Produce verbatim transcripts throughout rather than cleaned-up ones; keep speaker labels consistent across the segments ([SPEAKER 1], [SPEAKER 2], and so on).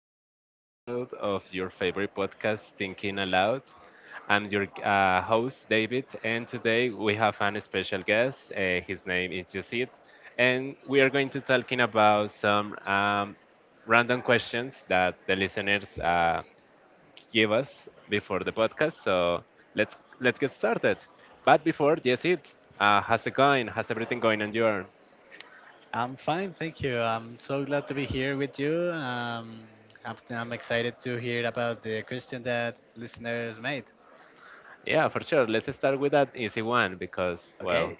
[SPEAKER 1] another episode of your favorite podcast, Thinking Aloud. I'm your uh, host, David, and today we have an special guest. Uh, his name is Jacid, and we are going to talking about some um, random questions that the listeners uh, give us before the podcast. So let's let's get started. But before, Jacid, uh, how's it going? How's everything going on your end?
[SPEAKER 2] I'm fine, thank you. I'm so glad to be here with you. Um, I'm, I'm excited to hear about the question that listeners made.
[SPEAKER 1] Yeah, for sure. Let's start with that easy one because, well,
[SPEAKER 2] Okay.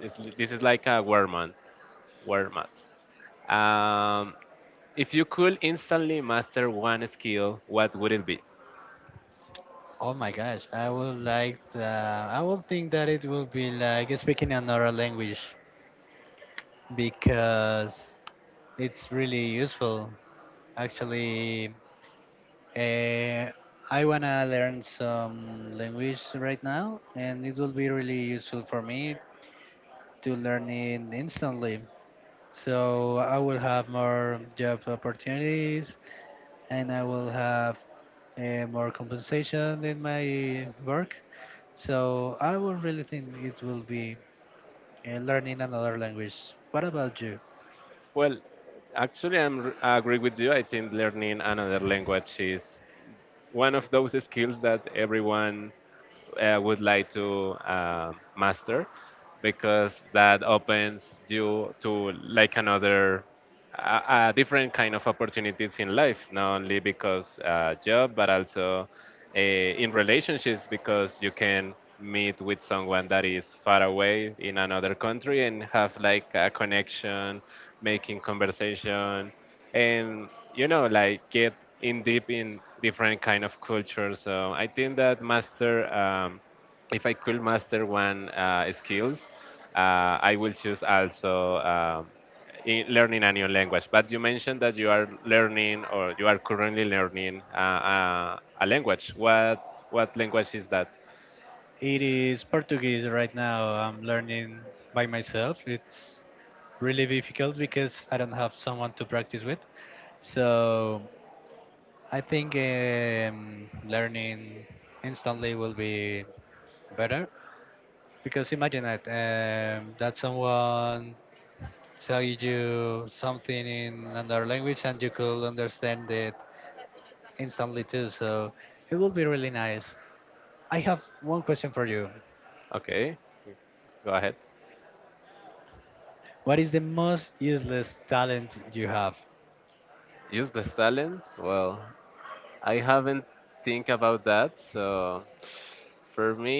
[SPEAKER 1] It's, this is like a word mat. Word mat. Um, if you could instantly master one skill, what would it be?
[SPEAKER 2] Oh my gosh, I would like. The, I would think that it will be like speaking another language because it's really useful. Actually, uh, I wanna learn some language right now, and it will be really useful for me to learn it instantly. So I will have more job opportunities and I will have uh, more compensation in my work. So I will really think it will be uh, learning another language. What about you?
[SPEAKER 1] Well, actually, I'm, r- I agree with you. I think learning another language is one of those skills that everyone I would like to uh, master, because that opens you to like another a, a different kind of opportunities in life, not only because uh, job, but also uh, in relationships, because you can meet with someone that is far away in another country and have like a connection, making conversation, and you know like get in deep in different kind of cultures. So I think that master um, if I could master one uh, skills, uh, I will choose also um, in learning a new language. But you mentioned that you are learning, or you are currently learning uh, uh, a language. What what language is that?
[SPEAKER 2] It is Portuguese right now. I'm learning by myself. It's really difficult because I don't have someone to practice with. So I think um, learning instantly will be better. Because imagine that um, that someone tell you something in another language and you could understand it instantly too. So it would be really nice. I have one question for you.
[SPEAKER 1] Okay, go ahead.
[SPEAKER 2] What is the most useless talent you have?
[SPEAKER 1] Use the talent well. I haven't think about that. So for me,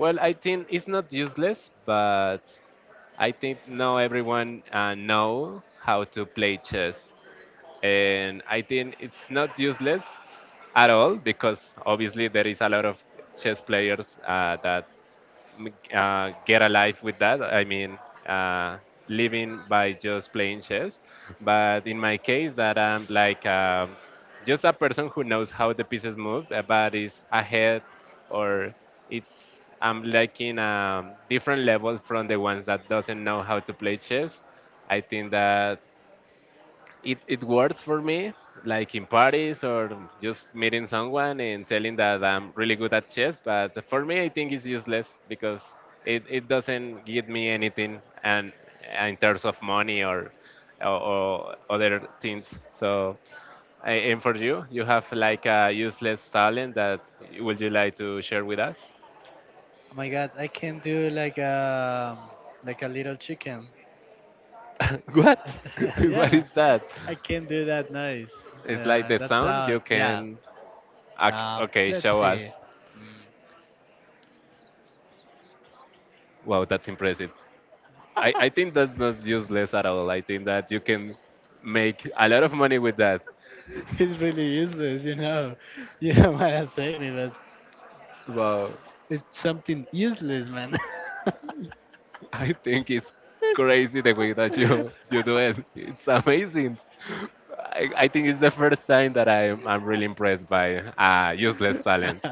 [SPEAKER 1] well, I think it's not useless, but I think not everyone uh, know how to play chess, and I think it's not useless at all, because obviously there is a lot of chess players uh, that m- uh, get alive with that. I mean, uh, living by just playing chess. But in my case, that I'm like um, just a person who knows how the pieces move, uh, but is ahead, or it's I'm like in a different level from the ones that doesn't know how to play chess. I think that it, it works for me, like in parties, or just meeting someone and telling that I'm really good at chess. But for me, I think it's useless because it, it doesn't give me anything and uh, in terms of money or, or, or other things. So, I, and for you, you have like a useless talent that would you like to share with us?
[SPEAKER 2] Oh my God, I can do like a like a little chicken.
[SPEAKER 1] What? What
[SPEAKER 2] Yeah,
[SPEAKER 1] is that?
[SPEAKER 2] I can do that noise.
[SPEAKER 1] It's like
[SPEAKER 2] Uh,
[SPEAKER 1] the
[SPEAKER 2] that
[SPEAKER 1] sound you
[SPEAKER 2] sound. Yeah.
[SPEAKER 1] can. ac-
[SPEAKER 2] Um,
[SPEAKER 1] Okay,
[SPEAKER 2] let's
[SPEAKER 1] show
[SPEAKER 2] see.
[SPEAKER 1] us. Wow, that's impressive. I, I think that's not useless at all. I think that you can make a lot of money with that.
[SPEAKER 2] It's really useless, you know. You don't want to say me, but
[SPEAKER 1] Well,
[SPEAKER 2] it's something useless, man.
[SPEAKER 1] I think it's crazy the way that you, you do it. It's amazing. I, I think it's the first time that I'm, I'm really impressed by uh, useless talent.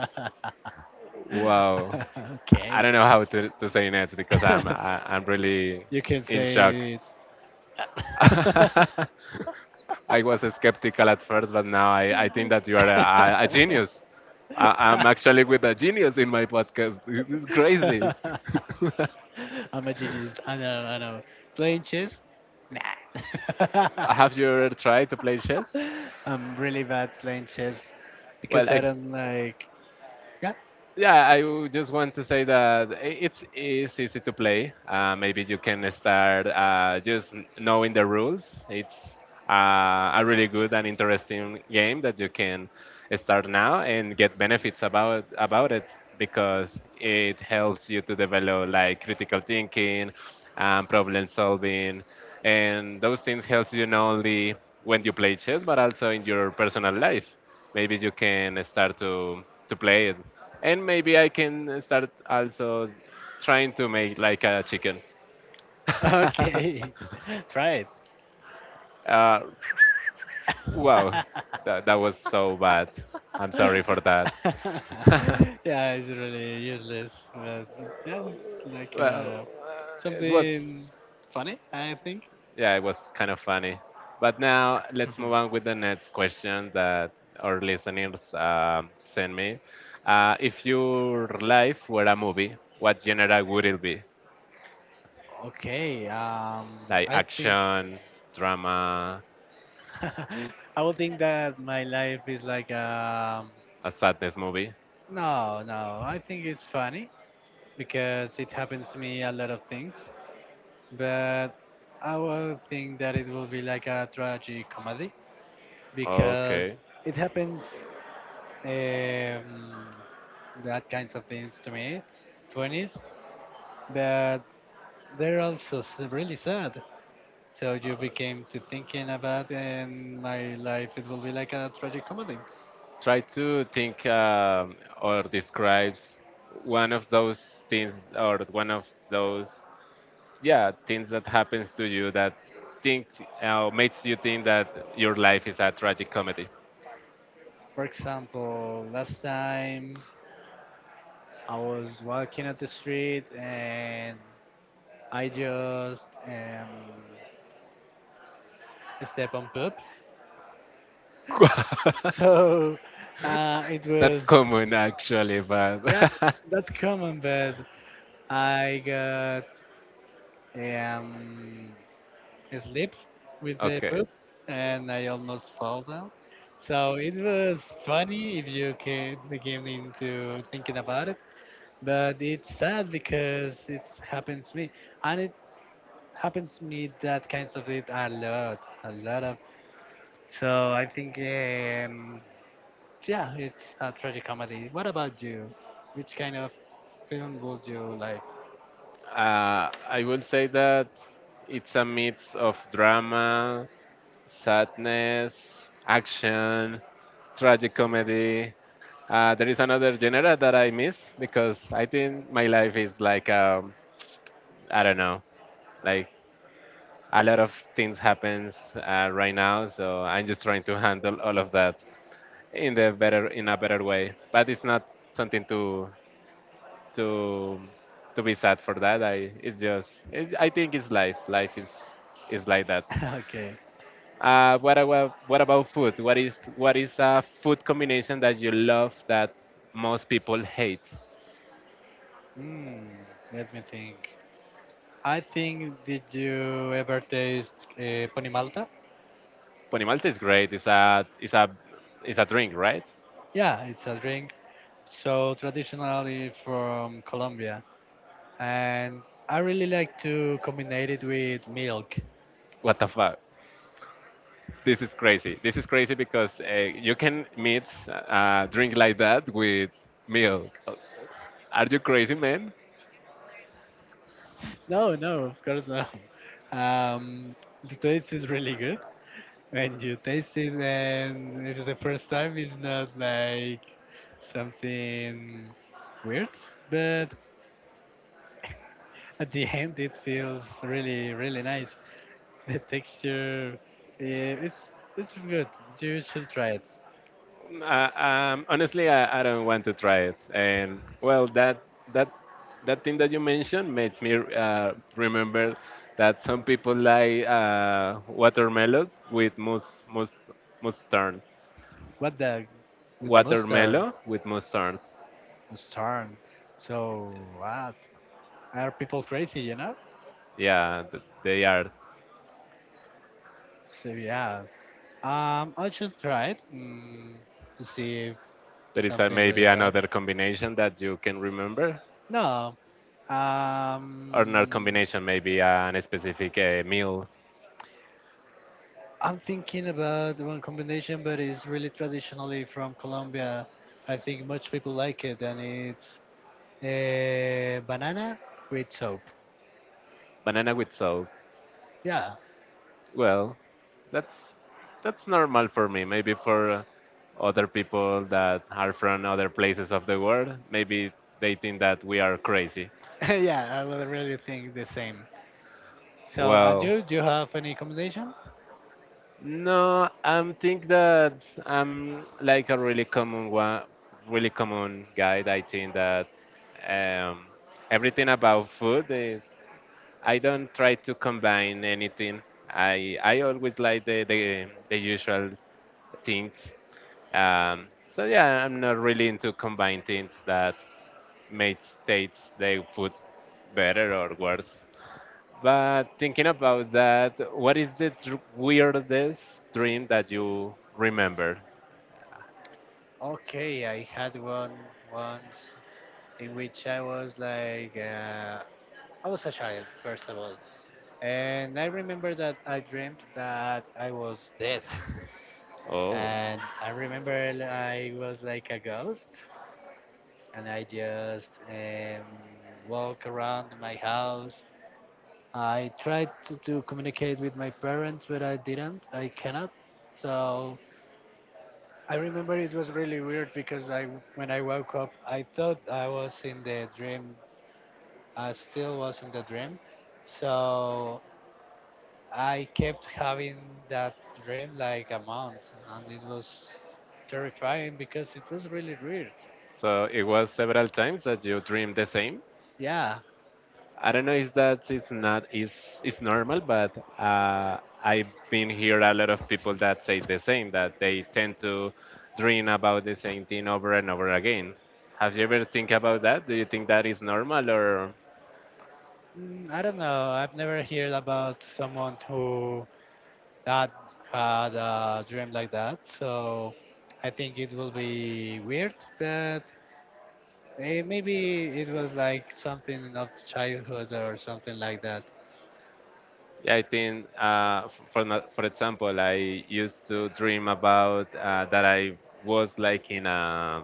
[SPEAKER 1] Wow. I
[SPEAKER 2] Okay.
[SPEAKER 1] don't know how to, to say next because I'm, I, I'm really
[SPEAKER 2] You can
[SPEAKER 1] in shock.
[SPEAKER 2] say it.
[SPEAKER 1] I was skeptical at first, but now I, I think that you are a, a genius. I, I'm actually with a genius in my podcast. This is crazy.
[SPEAKER 2] I'm a genius. I know, I know. Playing chess? Nah.
[SPEAKER 1] Have you ever tried to play chess?
[SPEAKER 2] I'm really bad playing chess
[SPEAKER 1] Well,
[SPEAKER 2] because I
[SPEAKER 1] I.
[SPEAKER 2] don't like. Yeah.
[SPEAKER 1] Yeah, I would just want to say that i- it's, it's easy to play. Uh, maybe you can start uh, just n- knowing the rules. It's uh, a really good and interesting game that you can start now and get benefits about about it, because it helps you to develop like critical thinking, um, problem solving, and those things help you not only when you play chess, but also in your personal life. Maybe you can start to to play it, and maybe I can start also trying to make like a chicken.
[SPEAKER 2] Okay. Try
[SPEAKER 1] Uh,
[SPEAKER 2] it.
[SPEAKER 1] wow, that, that was so bad. I'm sorry for that.
[SPEAKER 2] Yeah, it's really useless, but, but yeah, it's like
[SPEAKER 1] Well,
[SPEAKER 2] uh,
[SPEAKER 1] uh, it
[SPEAKER 2] something
[SPEAKER 1] was,
[SPEAKER 2] funny, I think.
[SPEAKER 1] yeah, it was kind of funny. But now let's move
[SPEAKER 2] Mhm.
[SPEAKER 1] on with the next question that our listeners um send me. Uh, if your life were a movie, what genre would it be?
[SPEAKER 2] Okay, um,
[SPEAKER 1] Like
[SPEAKER 2] I think
[SPEAKER 1] action, drama,
[SPEAKER 2] I would think that my life is like um,
[SPEAKER 1] a sadness movie.
[SPEAKER 2] no, no. I think it's funny because it happens to me a lot of things, but I would think that it will be like a tragic comedy because
[SPEAKER 1] Okay.
[SPEAKER 2] it happens um, that kinds of things to me, funniest, but they're also s- really sad. So you became to thinking about in my life, it will be like a tragic comedy.
[SPEAKER 1] Try to think um, or describes one of those things, or one of those, yeah, things that happens to you that think uh, makes you think that your life is a tragic comedy.
[SPEAKER 2] For example, last time I was walking at the street and I just um, step on poop. So uh, it
[SPEAKER 1] That's
[SPEAKER 2] was,
[SPEAKER 1] common actually, but
[SPEAKER 2] yeah, that's common, but I got um, asleep with the
[SPEAKER 1] okay.
[SPEAKER 2] poop and I almost fall down. So it was funny if you can begin into thinking about it, but it's sad because it happens to me and it happens to me that kinds of it a lot, a lot of. So I think um, yeah, it's a tragic comedy. What about you? Which kind of film would you like?
[SPEAKER 1] Uh, I will say that it's a mix of drama, sadness, action, tragic comedy. Uh, there is another genre that I miss, because I think my life is like um, I don't know, like a lot of things happens uh, right now. So I'm just trying to handle all of that in the better in a better way. But it's not something to to to be sad for that. I it's just it's, I think it's life. Life is is like that.
[SPEAKER 2] Okay.
[SPEAKER 1] Uh, what about what about food? What is what is a food combination that you love that most people hate?
[SPEAKER 2] Hmm, let me think. I think, did you ever taste uh, pony malta?
[SPEAKER 1] Ponimalta is great. It's a it's a, it's a drink, right?
[SPEAKER 2] Yeah, it's a drink. So traditionally from Colombia, and I really like to combine it with milk.
[SPEAKER 1] What the fuck? This is crazy. This is crazy because uh, you can mix a drink like that with milk. Are you crazy, man?
[SPEAKER 2] No, no, of course not. Um, the taste is really good when you taste it, and it's the first time. It's not like something weird, but at the end, it feels really, really nice. The texture, eh, it's it's good. You should try it.
[SPEAKER 1] Uh, um, honestly, I, I don't want to try it. And well, that that that thing that you mentioned makes me uh, remember that some people like uh, watermelon with mus mus mustard.
[SPEAKER 2] What the with mustard,
[SPEAKER 1] Watermelon with mustard.
[SPEAKER 2] mustard. So what? Are people crazy? You know?
[SPEAKER 1] Yeah, th- they are.
[SPEAKER 2] So yeah. Um, I should try it mm, to see if
[SPEAKER 1] There is a,
[SPEAKER 2] something
[SPEAKER 1] maybe
[SPEAKER 2] really bad.
[SPEAKER 1] another combination that you can remember,
[SPEAKER 2] No.
[SPEAKER 1] or not
[SPEAKER 2] Um,
[SPEAKER 1] combination, maybe uh, an specific uh, meal.
[SPEAKER 2] I'm thinking about one combination, but it's really traditionally from Colombia. I think much people like it, and it's eh, banana with soap.
[SPEAKER 1] Banana with soul.
[SPEAKER 2] Yeah,
[SPEAKER 1] Well, that's that's normal for me. Maybe for uh, other people that are from other places of the world, maybe they think that we are crazy.
[SPEAKER 2] yeah, I would really think the same. So,
[SPEAKER 1] Well,
[SPEAKER 2] Andrew, do you have any accommodation?
[SPEAKER 1] no, I think that I'm like a really common one, really common guy. I think that um, everything about food is. I don't try to combine anything. I I always like the the, the usual things. Um, so yeah, I'm not really into combined things that made states their food better or worse. But thinking about that, what is the dr- weirdest dream that you remember?
[SPEAKER 2] Okay, I had one once in which I was like, uh, I was a child, first of all. And I remember that I dreamt that I was dead.
[SPEAKER 1] Oh,
[SPEAKER 2] And I remember l- I was like a ghost. And I just um, walk around my house. I tried to, to communicate with my parents, but I didn't. I cannot. So I remember it was really weird because I, when I woke up, I thought I was in the dream. I still was in the dream. So I kept having that dream like a month, and it was terrifying because it was really weird.
[SPEAKER 1] so it was several times that you dreamed the same?
[SPEAKER 2] Yeah,
[SPEAKER 1] I don't know if that is not is is normal, but uh, I've been here a lot of people that say the same, that they tend to dream about the same thing over and over again. Have you ever think about that? Do you think that is normal, or?
[SPEAKER 2] mm, I don't know. I've never heard about someone who that had a dream like that. So I think it will be weird, but eh, maybe it was like something of childhood or something like that.
[SPEAKER 1] Yeah, I think uh, f- for not, for example, I used to dream about uh, that I was like in a,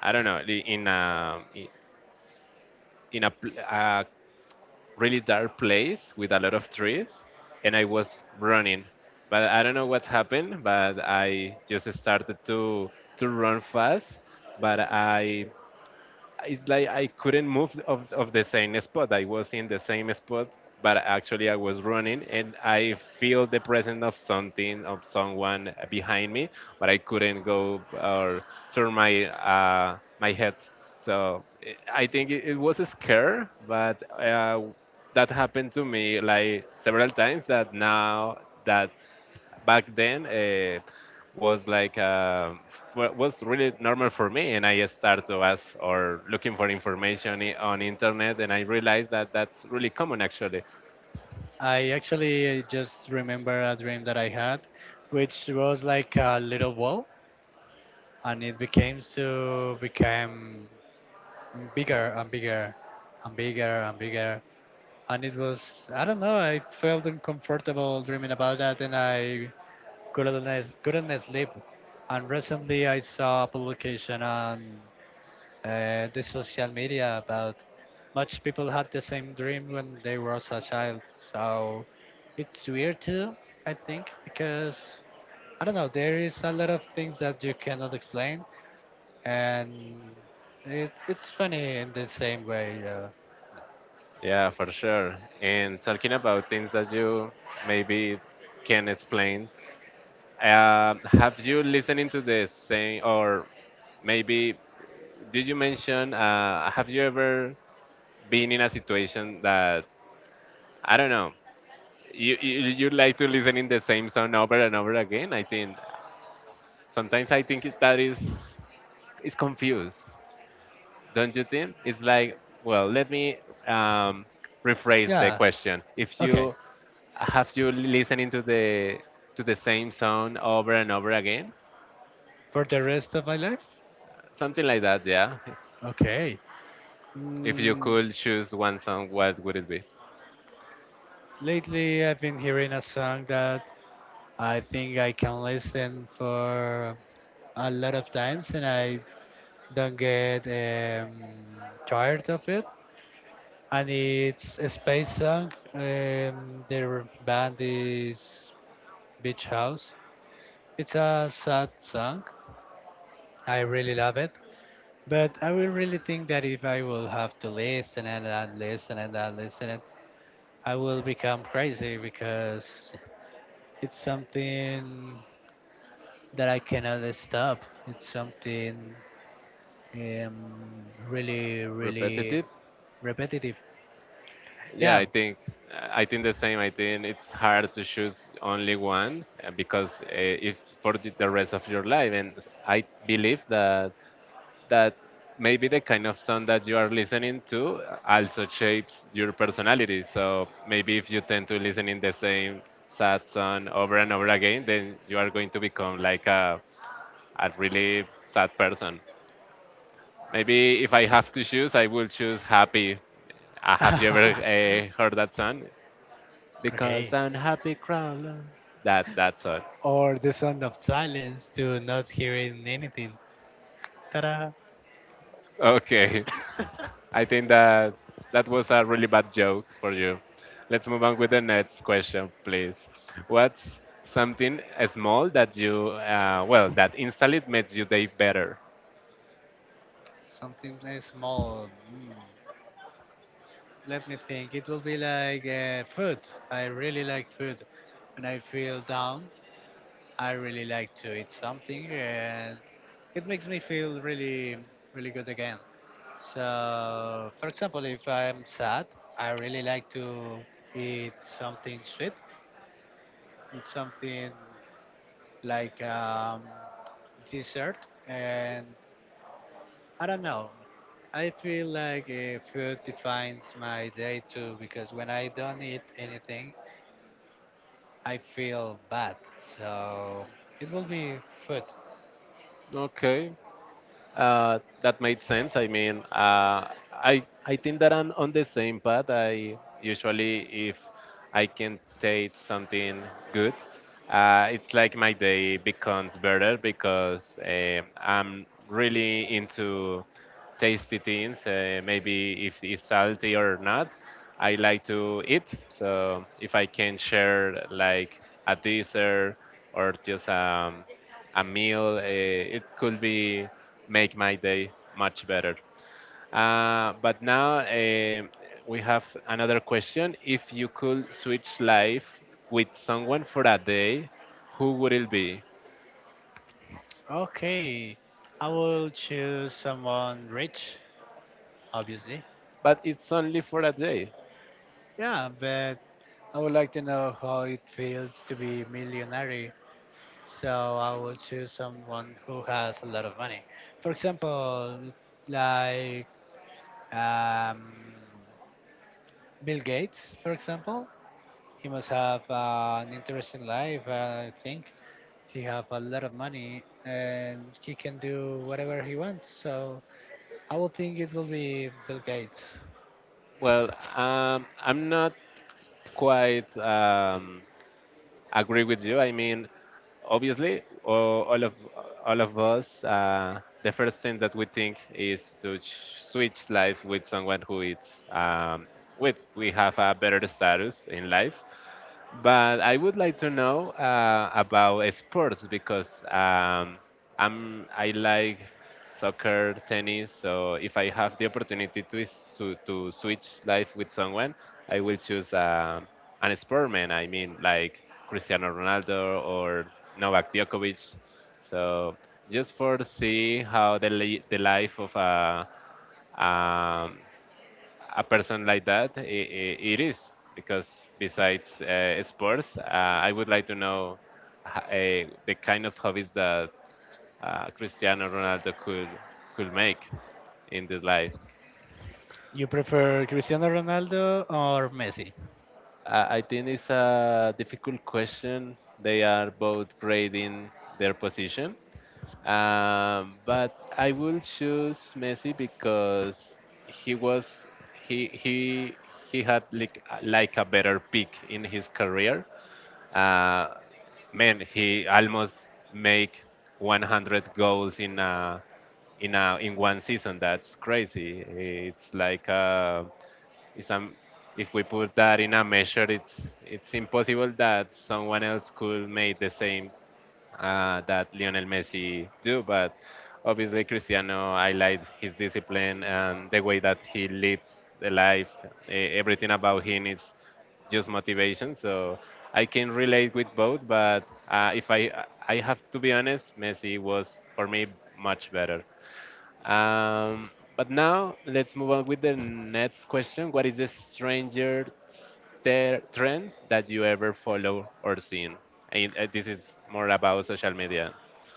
[SPEAKER 1] I don't know, li- in a i- in a pl- uh, really dark place with a lot of trees, and I was running. But I don't know what happened, but I just started to to run fast, but I it's like I couldn't move of, of the same spot. I was in the same spot, but actually I was running and I feel the presence of something, of someone behind me, but I couldn't go or turn my uh, my head. So it, I think it, it was a scare, but uh, that happened to me like several times. That now that back then uh, was like uh, f- was really normal for me, and I started to ask or looking for information, i- on internet, and I realized that that's really common actually.
[SPEAKER 2] I actually just remember a dream that I had, which was like a little ball, and it became to become bigger and bigger and bigger and bigger. And it was, I don't know, I felt uncomfortable dreaming about that, and I couldn't, couldn't sleep. And recently I saw a publication on uh, the social media about much people had the same dream when they were a child so it's weird too I think because I don't know there is a lot of things that you cannot explain and it, it's funny in the same way uh,
[SPEAKER 1] Yeah, for sure. And talking about things that you maybe can explain, uh, have you listening to the same, or maybe did you mention uh, have you ever been in a situation that, I don't know, you, you you like to listen in the same song over and over again. I think sometimes I think it- that is is confused, don't you think? It's like, well, let me um, rephrase the
[SPEAKER 2] yeah.
[SPEAKER 1] question. If
[SPEAKER 2] Okay,
[SPEAKER 1] you have you listening to the to the same song over and over again,
[SPEAKER 2] for the rest of my life.
[SPEAKER 1] something like that, yeah.
[SPEAKER 2] Okay,
[SPEAKER 1] If you
[SPEAKER 2] mm,
[SPEAKER 1] could choose one song, what would it be?
[SPEAKER 2] lately I've been hearing a song that I think I can listen for a lot of times and I don't get um, tired of it. And it's a space song. Um, their band is Beach House. It's a sad song. I really love it. But I will really think that if I will have to listen and then listen and then listen, it, I will become crazy because it's something that I cannot stop. It's something um, really, really
[SPEAKER 1] Repetitive.
[SPEAKER 2] repetitive.
[SPEAKER 1] Yeah,
[SPEAKER 2] Yeah,
[SPEAKER 1] I think I think the same. I think it's hard to choose only one uh, because uh, if for the the rest of your life, and s- I believe that that maybe the kind of song that you are listening to uh, also shapes your personality. So maybe if you tend to listen in the same sad song over and over again, then you are going to become like a a really sad person. Maybe if I have to choose, I will choose happy. Uh, have you ever uh, heard that song? Because
[SPEAKER 2] okay.
[SPEAKER 1] I'm happy crawler. That that's it.
[SPEAKER 2] Or the sound of silence to not hearing anything. Ta-da!
[SPEAKER 1] Okay, I think that that was a really bad joke for you. Let's move on with the next question, please. What's something small that you uh, well, that instantly makes your day better?
[SPEAKER 2] Something very small. Mm, let me think. It will be like uh, food. I really like food. When I feel down, I really like to eat something, and it makes me feel really, really good again. So, for example, if I'm sad, I really like to eat something sweet, eat something like um, dessert, and I don't know. I feel like uh, food defines my day too because when I don't eat anything, I feel bad. So it will be food.
[SPEAKER 1] Okay, Uh, that made sense. I mean, uh, I I think that I'm on the same path. I usually, if I can taste something good, uh, it's like my day becomes better because uh, I'm really into tasty things. Uh, maybe if it's salty or not, I like to eat. So if I can share like a dessert or just um, a meal. Uh, it could be make my day much better. Uh, but now um we have another question. If you could switch life with someone for a day, who would it be?
[SPEAKER 2] Okay, I will choose someone rich, obviously.
[SPEAKER 1] But it's only for a day.
[SPEAKER 2] Yeah, but I would like to know how it feels to be millionaire. So I would choose someone who has a lot of money. For example, like um, Bill Gates, for example, he must have uh, an interesting life. uh, I think he have a lot of money and he can do whatever he wants. So I would think it will be Bill Gates.
[SPEAKER 1] Well, um, I'm not quite um, agree with you. I mean, obviously, all, all of all of us, uh, the first thing that we think is to ch- switch life with someone who is um, with we have a better status in life. But I would like to know uh, about sports because um, I'm I like soccer, tennis. So if I have the opportunity to is- to, to switch life with someone, I will choose um an sportman. I mean, like Cristiano Ronaldo or Novak Djokovic. So just for see how the li- the life of a um, a person like that I it is because besides uh, sports, uh, I would like to know uh, the kind of hobbies that uh, Cristiano Ronaldo could could make in this life.
[SPEAKER 2] You prefer Cristiano Ronaldo or Messi?
[SPEAKER 1] Uh, I think it's a difficult question. They are both great in their position, um, but I will choose Messi because he was he he he had like like a better peak in his career. Uh, Man, he almost make one hundred goals in a, in a, in one season. That's crazy. It's like uh, it's um, if we put that in a measure, it's it's impossible that someone else could make the same uh, that Lionel Messi do, but obviously Cristiano highlights his discipline and the way that he lives the life. E- Everything about him is just motivation. So I can relate with both, but uh, if I I have to be honest, Messi was for me much better. Um, but now let's move on with the next question. What is the stranger ter- trend that you ever follow or seen? And uh, this is more about social media.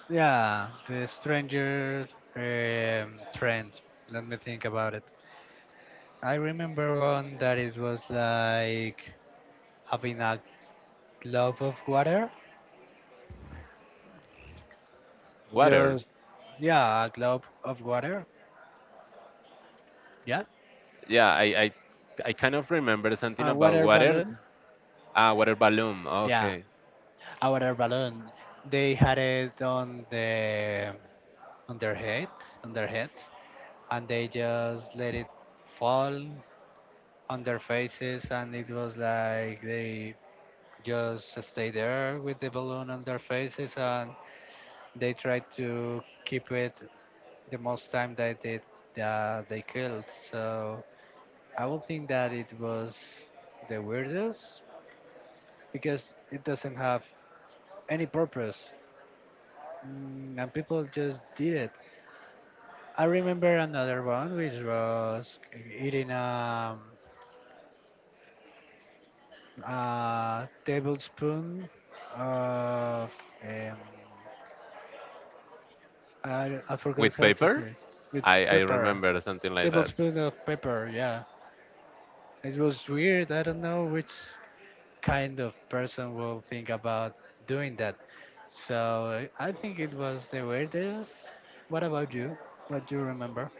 [SPEAKER 2] Yeah, the stranger um, trend. Let me think about it. I remember one that it was like having a globe of water.
[SPEAKER 1] Water.
[SPEAKER 2] Just yeah, a globe of water. Yeah,
[SPEAKER 1] Yeah, I, I, I kind of remember something
[SPEAKER 2] a
[SPEAKER 1] about
[SPEAKER 2] water
[SPEAKER 1] water.
[SPEAKER 2] balloon.
[SPEAKER 1] Ah, water balloon.
[SPEAKER 2] Yeah,
[SPEAKER 1] Okay.
[SPEAKER 2] a water balloon. They had it on the on their heads, on their heads, and they just let it fall on their faces, and it was like they just stay there with the balloon on their faces, and they tried to keep it the most time that they uh, they killed. So I would think that it was the weirdest because it doesn't have any purpose, mm, and people just did it. I remember another one which was eating a, a tablespoon of um, I, I forgot
[SPEAKER 1] With
[SPEAKER 2] how to say
[SPEAKER 1] paper?
[SPEAKER 2] it, with
[SPEAKER 1] I, I
[SPEAKER 2] pepper,
[SPEAKER 1] remember something like that.
[SPEAKER 2] tablespoon of pepper. Yeah, it was weird. I don't know which kind of person will think about doing that. So I think it was the weirdest. What about you? What do you remember?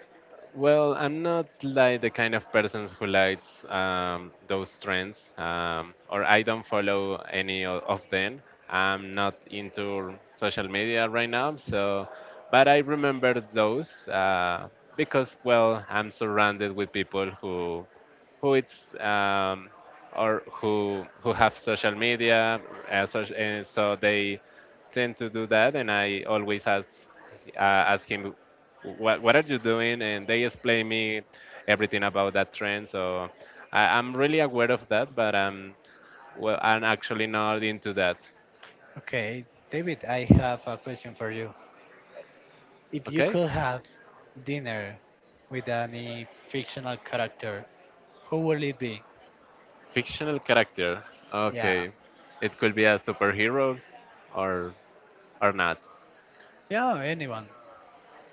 [SPEAKER 1] Well, I'm not like the kind of person who likes um, those trends, um, or I don't follow any o- of them. I'm not into social media right now, so but I remember those uh, because well, I'm surrounded with people who who it's um, or who who have social media, uh, so, uh, so they tend to do that, and I always ask uh, ask him what what are you doing, and they explain me everything about that trend. So I, I'm really aware of that, but um well, I'm actually not into that.
[SPEAKER 2] Okay, David, I have a question for you. If you
[SPEAKER 1] Okay.
[SPEAKER 2] could have dinner with any fictional character, who will it be?
[SPEAKER 1] Fictional character.
[SPEAKER 2] Yeah.
[SPEAKER 1] Okay, it could be a superhero or or not.
[SPEAKER 2] Yeah, anyone.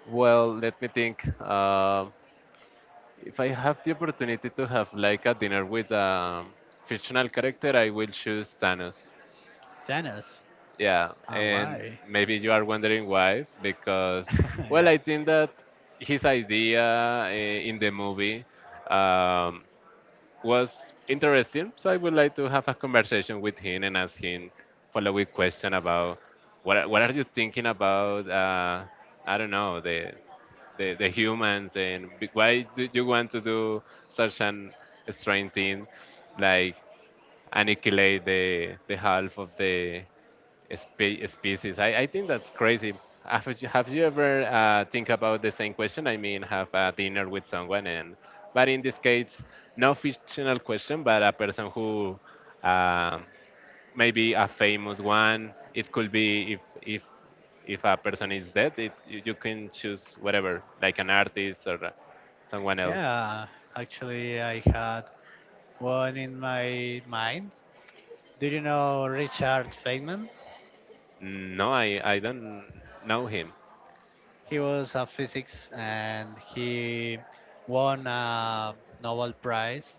[SPEAKER 1] Well, let me think. Uh, if I have the opportunity to have like a dinner with a fictional character, I will choose Thanos.
[SPEAKER 2] Dennis.
[SPEAKER 1] Yeah,
[SPEAKER 2] And
[SPEAKER 1] and
[SPEAKER 2] why?
[SPEAKER 1] maybe you are wondering why, because, well,
[SPEAKER 2] Yeah.
[SPEAKER 1] I think that his idea uh, in the movie um, was interesting. So I would like to have a conversation with him and ask him following question about what are- what are you thinking about? Uh, I don't know the, the the humans and b- why do you want to do such an strange thing, like annihilate the the half of the spe- species. I, I think that's crazy. Have you, have you ever uh, think about the same question? I mean, have a dinner with someone, and but in this case, no fictional question, but a person who uh, maybe a famous one. It could be if if if a person is dead, it you you can choose whatever, like an artist or uh, someone else.
[SPEAKER 2] Yeah, actually, I had one in my mind. Do you know Richard Feynman?
[SPEAKER 1] No, I I don't know him.
[SPEAKER 2] He was a physics and he won a Nobel Prize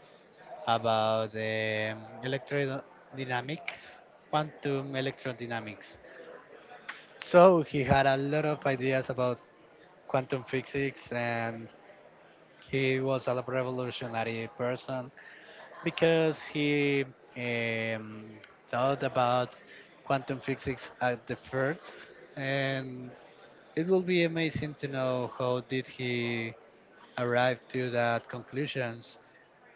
[SPEAKER 2] about the electrodynamics, quantum electrodynamics. So he had a lot of ideas about quantum physics and he was a revolutionary person because he um, thought about quantum physics at the first and it will be amazing to know how did he arrive to that conclusions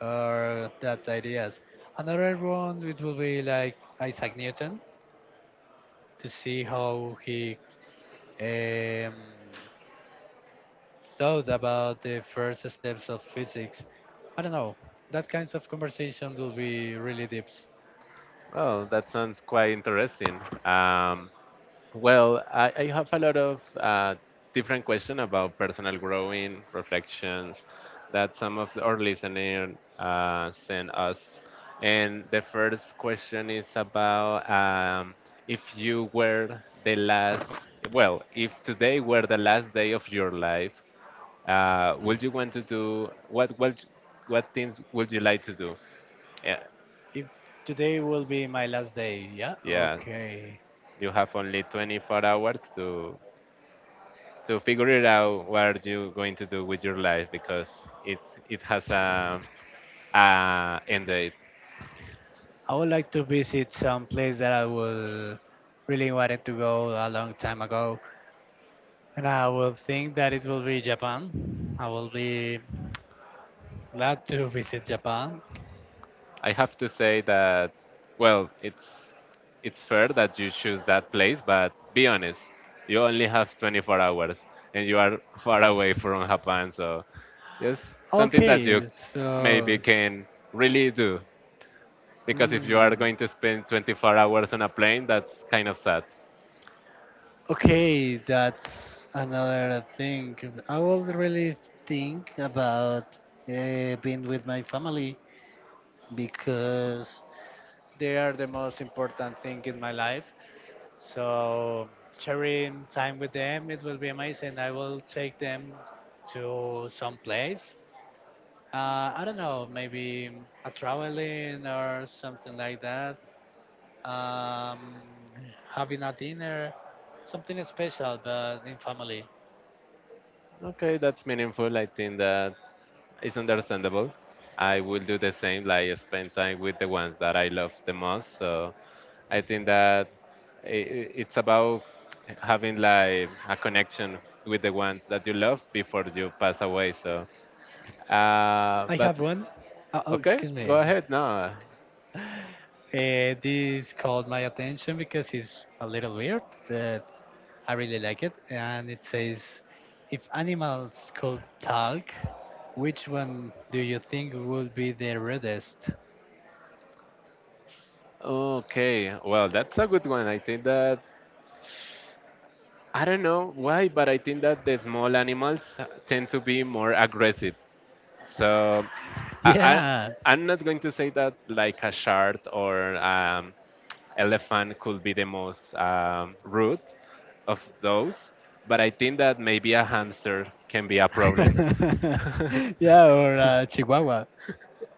[SPEAKER 2] or that ideas. Another one it will be like Isaac Newton to see how he um, thought about the first steps of physics. I don't know. That kinds of conversation will be really deep.
[SPEAKER 1] Well, that sounds quite interesting. Um, Well, I, I have a lot of uh, different questions about personal growing, reflections that some of our listeners uh, sent us. And the first question is about um, if you were the last, well, if today were the last day of your life, uh, would you want to do, what, what, what things would you like to do? Yeah,
[SPEAKER 2] If today will be my last day, yeah,
[SPEAKER 1] yeah,
[SPEAKER 2] okay.
[SPEAKER 1] you have only twenty-four hours to to figure it out what are you going to do with your life because it it has a, a end date.
[SPEAKER 2] I would like to visit some place that I will really wanted to go a long time ago. And I will think that it will be Japan. I will be glad to visit Japan.
[SPEAKER 1] I have to say that well, it's it's fair that you choose that place, but be honest, you only have twenty-four hours and you are far away from Japan, so yes, something that you
[SPEAKER 2] Okay,
[SPEAKER 1] maybe
[SPEAKER 2] so.
[SPEAKER 1] can really do, because if you are
[SPEAKER 2] Hmm,
[SPEAKER 1] going to spend twenty-four hours on a plane, that's kind of sad.
[SPEAKER 2] okay, that's another thing. I will really think about uh, being with my family because they are the most important thing in my life. So, sharing time with them, it will be amazing. I will take them to some place. Uh, I don't know, maybe a traveling or something like that. Um, Having a dinner, something special, but in family.
[SPEAKER 1] Okay, that's meaningful. I think that it's understandable. I will do the same, like spend time with the ones that I love the most. So I think that i i- it's about having like a connection with the ones that you love before you pass away. So, uh,
[SPEAKER 2] I
[SPEAKER 1] but
[SPEAKER 2] have one. Uh, oh,
[SPEAKER 1] okay,
[SPEAKER 2] excuse
[SPEAKER 1] go
[SPEAKER 2] me.
[SPEAKER 1] ahead now.
[SPEAKER 2] Uh, this called my attention because it's a little weird, but I really like it. And it says, if animals could talk, which one do you think would be the rudest?
[SPEAKER 1] Okay, well, that's a good one. I think that I don't know why, but I think that the small animals tend to be more aggressive. So I, I
[SPEAKER 2] Yeah.
[SPEAKER 1] I'm not going to say that like a shark or um, elephant could be the most um, rude of those, but I think that maybe a hamster can be a problem
[SPEAKER 2] Yeah, or uh, Chihuahua.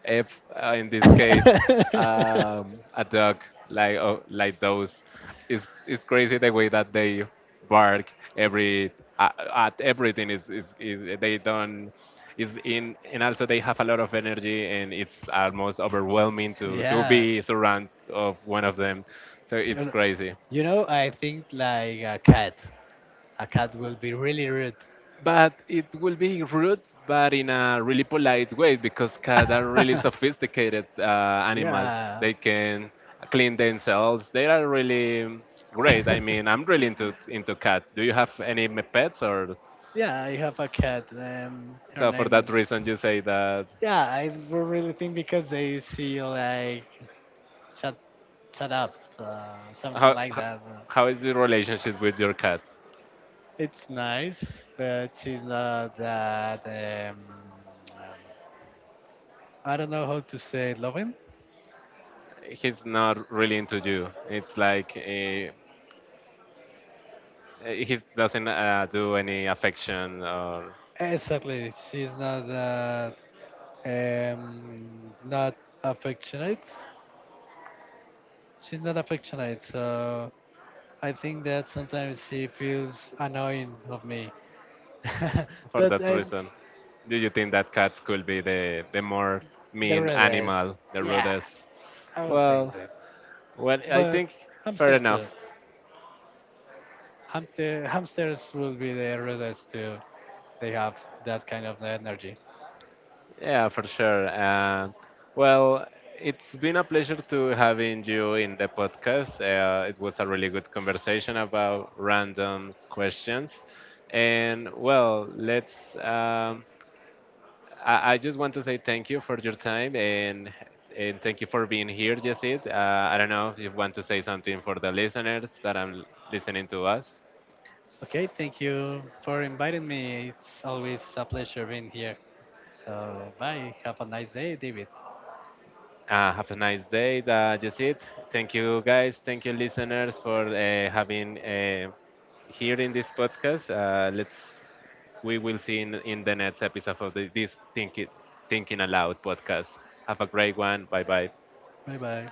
[SPEAKER 1] if uh, in this case um, a dog like oh, like those, it's it's crazy the way that they bark every uh, at everything is, is is they don't is in, and also they have a lot of energy, and it's almost overwhelming to to
[SPEAKER 2] Yeah.
[SPEAKER 1] be surrounded of one of them, so it's
[SPEAKER 2] And,
[SPEAKER 1] crazy.
[SPEAKER 2] you know, I think like a cat. A cat will be really rude.
[SPEAKER 1] But it will be rude, but in a really polite way because cats are really sophisticated uh, animals.
[SPEAKER 2] Yeah.
[SPEAKER 1] They can clean themselves. They are really great. I mean, I'm really into into cat. Do you have any m- pets or
[SPEAKER 2] Yeah, I have a cat and her
[SPEAKER 1] so for
[SPEAKER 2] name
[SPEAKER 1] that
[SPEAKER 2] is.
[SPEAKER 1] reason you say that
[SPEAKER 2] Yeah, I will really think because they see like shut shut up, uh, something
[SPEAKER 1] how
[SPEAKER 2] like
[SPEAKER 1] how,
[SPEAKER 2] that. Uh,
[SPEAKER 1] how is your relationship with your cat?
[SPEAKER 2] It's nice, but she's not that. Um, um, I don't know how to say it, loving.
[SPEAKER 1] He's not really into you. It's like uh, he doesn't uh, do any affection or
[SPEAKER 2] Exactly, she's not that um, not affectionate. She's not affectionate, so I think that sometimes she feels annoying of me.
[SPEAKER 1] for
[SPEAKER 2] But
[SPEAKER 1] that
[SPEAKER 2] I,
[SPEAKER 1] reason. Do you think that cats could be the the more
[SPEAKER 2] the
[SPEAKER 1] mean
[SPEAKER 2] rest,
[SPEAKER 1] animal, the
[SPEAKER 2] yeah,
[SPEAKER 1] rudest?
[SPEAKER 2] I don't think
[SPEAKER 1] Well,
[SPEAKER 2] so.
[SPEAKER 1] well, I
[SPEAKER 2] But
[SPEAKER 1] think it's fair
[SPEAKER 2] hamsters
[SPEAKER 1] enough.
[SPEAKER 2] too. Hamster, hamsters will be the rest too. They have that kind of energy.
[SPEAKER 1] Yeah, for sure. Uh, well, it's been a pleasure to having you in the podcast. Uh, it was a really good conversation about random questions, and well, let's um, I, I just want to say thank you for your time and and thank you for being here, Yesid. Uh, I don't know if you want to say something for the listeners that are listening to us.
[SPEAKER 2] Okay, thank you for inviting me. It's always a pleasure being here. So bye. Have a nice day, David.
[SPEAKER 1] Uh, have a nice day, uh, Yesid. Thank you, guys. Thank you, listeners, for uh, having uh, here in this podcast. Uh, let's We will see in, in the next episode of the, this Thinking Thinking Aloud podcast. Have a great one. Bye bye.
[SPEAKER 2] Bye bye.